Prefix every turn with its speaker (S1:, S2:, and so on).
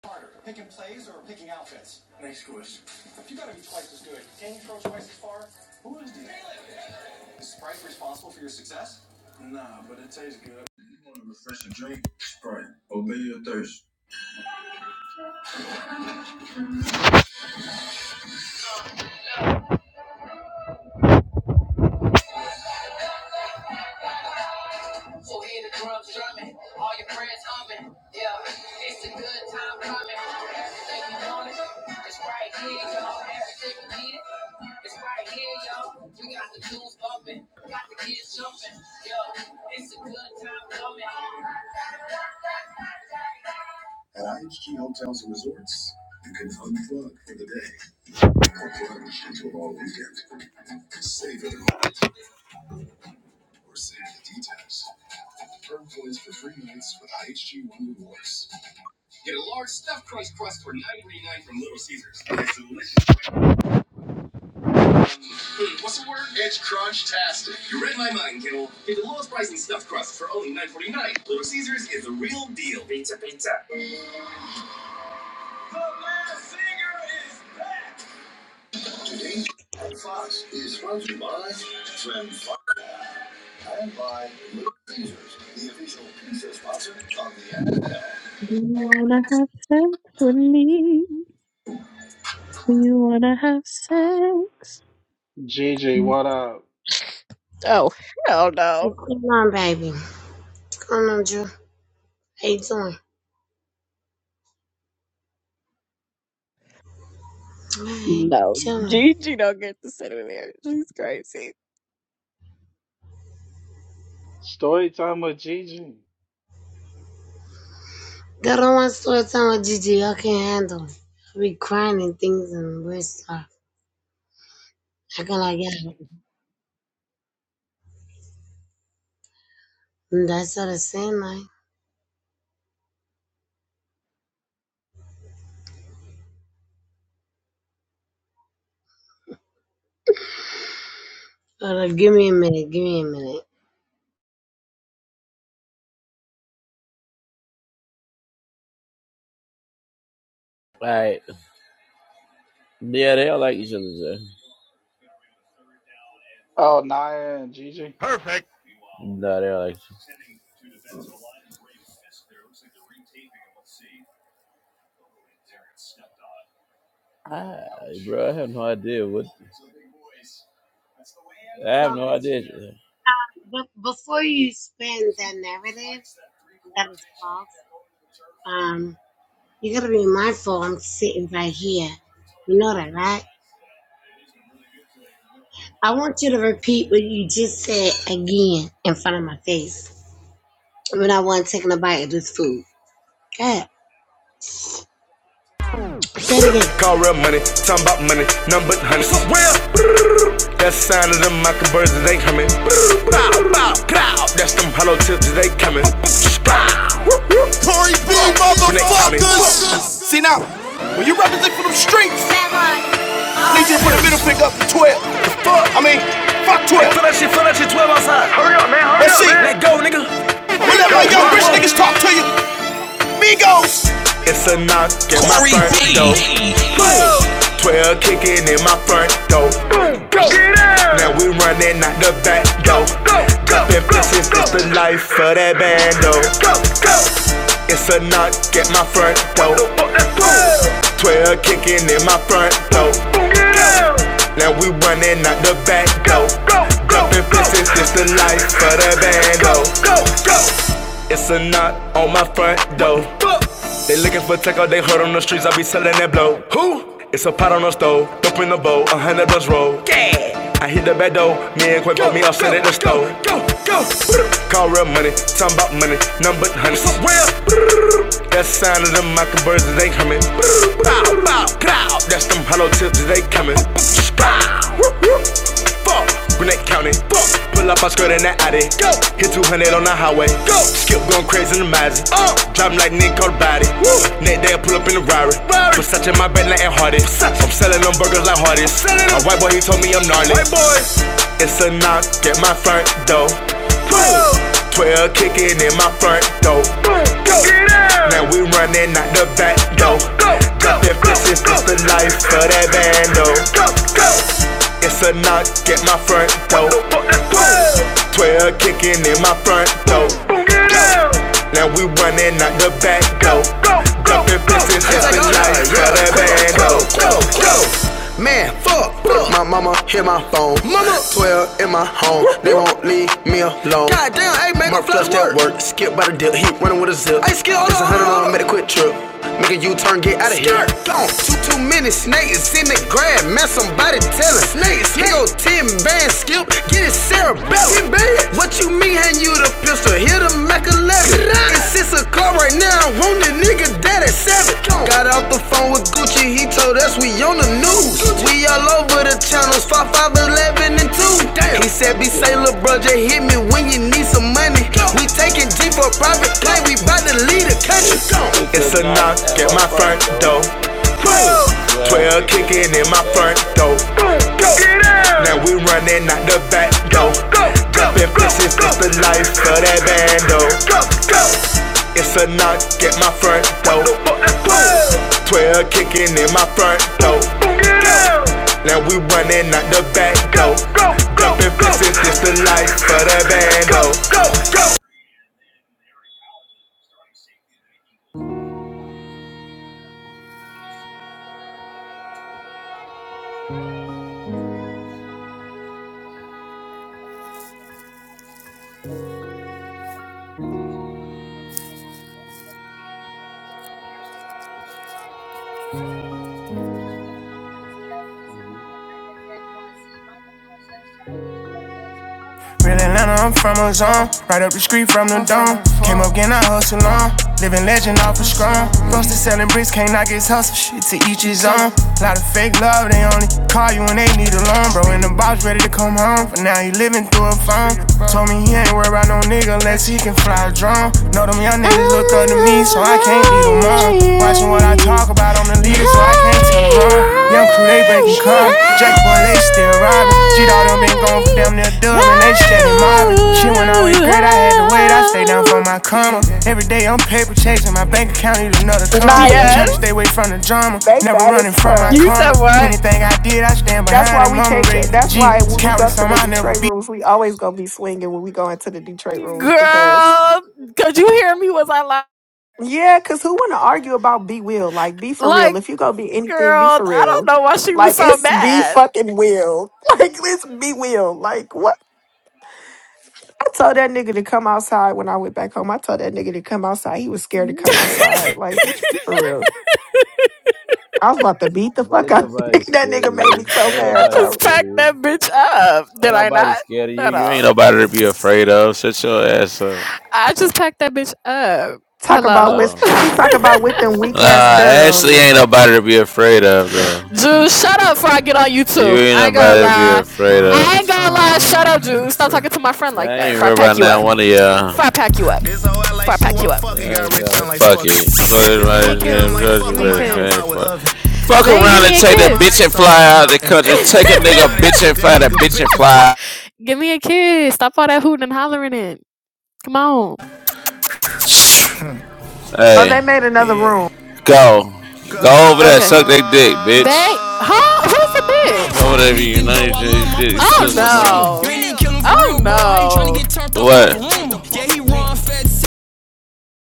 S1: So hear the drums drumming, all your prayers humming. Yeah, it's a good time coming. Everything you wanted, it's right here, y'all. Everything you needed, it's right here, y'all. We got the tunes bumping, got the kids jumping. Yo, it's a good time coming. At IHG Hotels and Resorts, you can unplug for the day or plunge into a long weekend. Save it all or save the detail. Get a large stuffed crust crust for 9 99 from Little Caesars. Hmm, what's the word? It's crunch-tastic. You read my mind, Kimmel. Get the lowest price in stuffed crust for only 9.49. Little Caesars is the real deal. Pizza, pizza.
S2: Do you wanna have sex with me? Do you wanna have sex?
S3: Gigi, what up?
S2: Oh hell no.
S4: Come on, baby. Come on, Drew. How you doing? Alright,
S2: No.
S4: chilling.
S2: Gigi don't get to sit in there. She's crazy.
S3: Story time with Gigi.
S4: Got on one story time with Gigi. I can't handle it. I be crying and things and weird stuff. Acting like that. And that's what I said, like. But uh, give me a minute. Give me a minute.
S5: Like, yeah, they all like each other, Jay.
S3: Oh, Naya and Gigi.
S5: Perfect. Nah, they all like each other. Ah, bro, I have no idea what.
S4: What's wrong with you?
S5: The...
S4: But before you spin that narrative that is false, um, you gotta be mindful. I'm sitting right here. You know that, right? I want you to repeat what you just said again in front of my face. when I wasn't taking a bite of this food. God, say it again.
S5: Call real money, talking about money, none but honey. So real, but that sign of them mocking birds that ain't coming. That's them hollow tips that they coming. Tory B, motherfuckers! See now, when you represent for them streets, need you to put a middle finger up to 12. I mean, fuck 12. Feel that shit, feel that shit, man. Hurry But whenever young rich niggas talk to you, Migos. It's a knock at my front door. 12 kicking in my front door. Now we running out the back door. Dropping bitches, it's the life of that bando. It's a knock at my front door. 12 kicking in my front door. Now we running out the back door. Dropping bitches, it's the life of that bando. It's a knock on my front door. They looking for taco, they heard on the streets, I be selling that blow. Who? It's a pot on the stove, dope in the bowl, a hundred bucks roll. Yeah. I hit the back door, me and Quake on me, I'll send it to the stove. Go, go, go. Call real money, talking about money, none but honey. That sign of them mocking that ain't coming. Bow, bow, bow. That's them hollow tips that they coming. Bow. Breck County, pull up our skirt in that Audi. Hit 200 on the highway. Skip going crazy in the Maser. Driving like Nick, called body. Next day I pull up in the Rari. Versace in my bed, letting hardest. I'm selling them burgers like hardest. My white boy he told me I'm gnarly. It's a knock at my front door. Twelve kicking in my front door. Now we running out the back door. This is just the life of that bando. It's a knock at my front door. Twelve kicking in my front door. Now we running out the back door. Dumping fences, it's the life of the band. Go, go, go phone. Mama, 12 in my home, they won't leave me alone. God damn, hey, make My a flush that work. skip by the dip, he running with a zip. Hey, Skip, It's a hundred hold on. made a quick trip. Make a U-turn, get out of here. Gone. Too too many snakes in the grass. Man, somebody tell us. Snakes. He go ten band skip. Get it cerebellum. What you mean? Hand you the pistol. Here the Mac 11. It's it's a car right now. I want the nigga that is sad. Got off the phone with Gucci, he told us we on the news. We all over the channels, 5, 5, 11, and 2. He said, be say, lil' bro, just hit me when you need some money. We taking G for private play, we bout to lead the country. It's a knock at my front door. 12 kicking in my front door. Now we running out the back door. Jumping fences, that's the life of that bando. It's a knock at my front door. 12 kicking in my front door. Now we running out the back door. Jumping fences, that's the life of that bando. Real Atlanta, I'm from a zone. Right up the street from the dome. Came up getting I hustle on. Living legend off a of scrum. Goes selling bricks, can't knock his hustle. Shit to each his own. Lot of fake love, they only call you when they need a loan. Bro, in the box, ready to come home. But now he living through a phone. Told me he ain't worried about no nigga unless he can fly a drone. Know them young niggas look up to me, so
S2: Oh,
S5: I can't leave them on.
S2: hi,
S5: Watching what I I
S2: hi,
S5: talk about I'm the
S2: hi,
S5: leader, so I can't tell
S2: hi,
S5: them wrong. Young
S2: hi,
S5: crew, they breaking cars.
S2: hi.
S5: Jack boy, they still robbing. G Dog done been gone for damn near a dub, and they steady mobbing. Shit went always great, I had to wait, I stay down for my karma. Every day I'm paper chasing, my bank account need another comma.
S6: Naya,
S5: Trying to stay
S2: Yes.
S5: away from the drama,
S6: they
S5: never
S6: bad as
S5: running from my
S6: fuck.
S2: You said
S5: karma.
S2: what?
S5: Anything I did, I stand
S6: That's
S5: behind
S6: why
S5: it,
S6: we
S5: mama
S6: can't. Go,
S5: raised the G.
S6: that's why when we go
S5: Cowardice,
S6: to
S5: on
S6: the
S5: I never
S6: Detroit
S5: be.
S6: rooms, we always gonna be swinging when we go into the Detroit rooms because
S2: girl, could you hear me? Was I like,
S6: yeah, because who want to argue about be will? Like be for
S2: like,
S6: real. If you gonna be anything, be
S2: girl,
S6: for
S2: I don't
S6: real.
S2: know why she was
S6: Like
S2: so
S6: it's be
S2: mad.
S6: fucking will. Like it's be will. Like what? I told that nigga to come outside when I went back home. I told that nigga to come outside. He was scared to come outside. Like bitch, be for real. I was about to beat the fuck
S5: Ain't
S6: out.
S5: nobody
S6: that
S5: scared
S6: nigga
S5: of
S6: made
S5: you.
S6: me so
S5: Ain't
S2: I
S6: mad,
S5: nobody
S6: bro.
S2: just
S5: scared of
S2: packed
S5: you.
S2: that bitch up.
S5: Ain't
S2: Did I
S5: nobody
S2: not?
S5: scared of you.
S2: Shut
S5: You ain't
S2: up.
S5: nobody to be afraid of. Shut your ass up.
S2: I just packed that bitch up.
S6: Talk about
S2: Hello?
S6: with
S5: No.
S6: she talk about with them
S5: Nah,
S6: weak ass
S5: Ashley
S6: curls.
S5: ain't nobody to be afraid of, though.
S2: Juice, shut up before I get on you too.
S5: You ain't
S2: I ain't gonna
S5: nobody to be
S2: lie.
S5: afraid
S2: I ain't
S5: of.
S2: gonna lie. Shut up, Juice. Stop talking to my friend like
S5: I
S2: that
S5: ain't
S2: before I
S5: worried about
S2: pack you
S5: now
S2: up.
S5: one of y'all.
S2: Before I pack you up. Before I pack you up.
S5: Like Fuck fuck it. Fuck it,
S2: Give me a
S5: right? Yeah,
S2: kiss. Give me a
S5: Georgia,
S2: kiss.
S5: right. Fuck Fuck
S2: Babe, give
S5: around and
S2: me a
S5: take that
S2: kiss.
S5: bitch and fly out of the country. Take a nigga bitch and fly that bitch and fly.
S2: Give me a kiss. Stop all that hooting and hollering in. Come on.
S6: Oh, they
S5: Hey,
S6: made another room.
S5: go. Go over there,
S2: Okay.
S5: suck that dick,
S2: Babe,
S5: bitch.
S2: huh? Who's the bitch?
S5: You know you just did it.
S2: Oh no. Oh no.
S5: What? Yeah,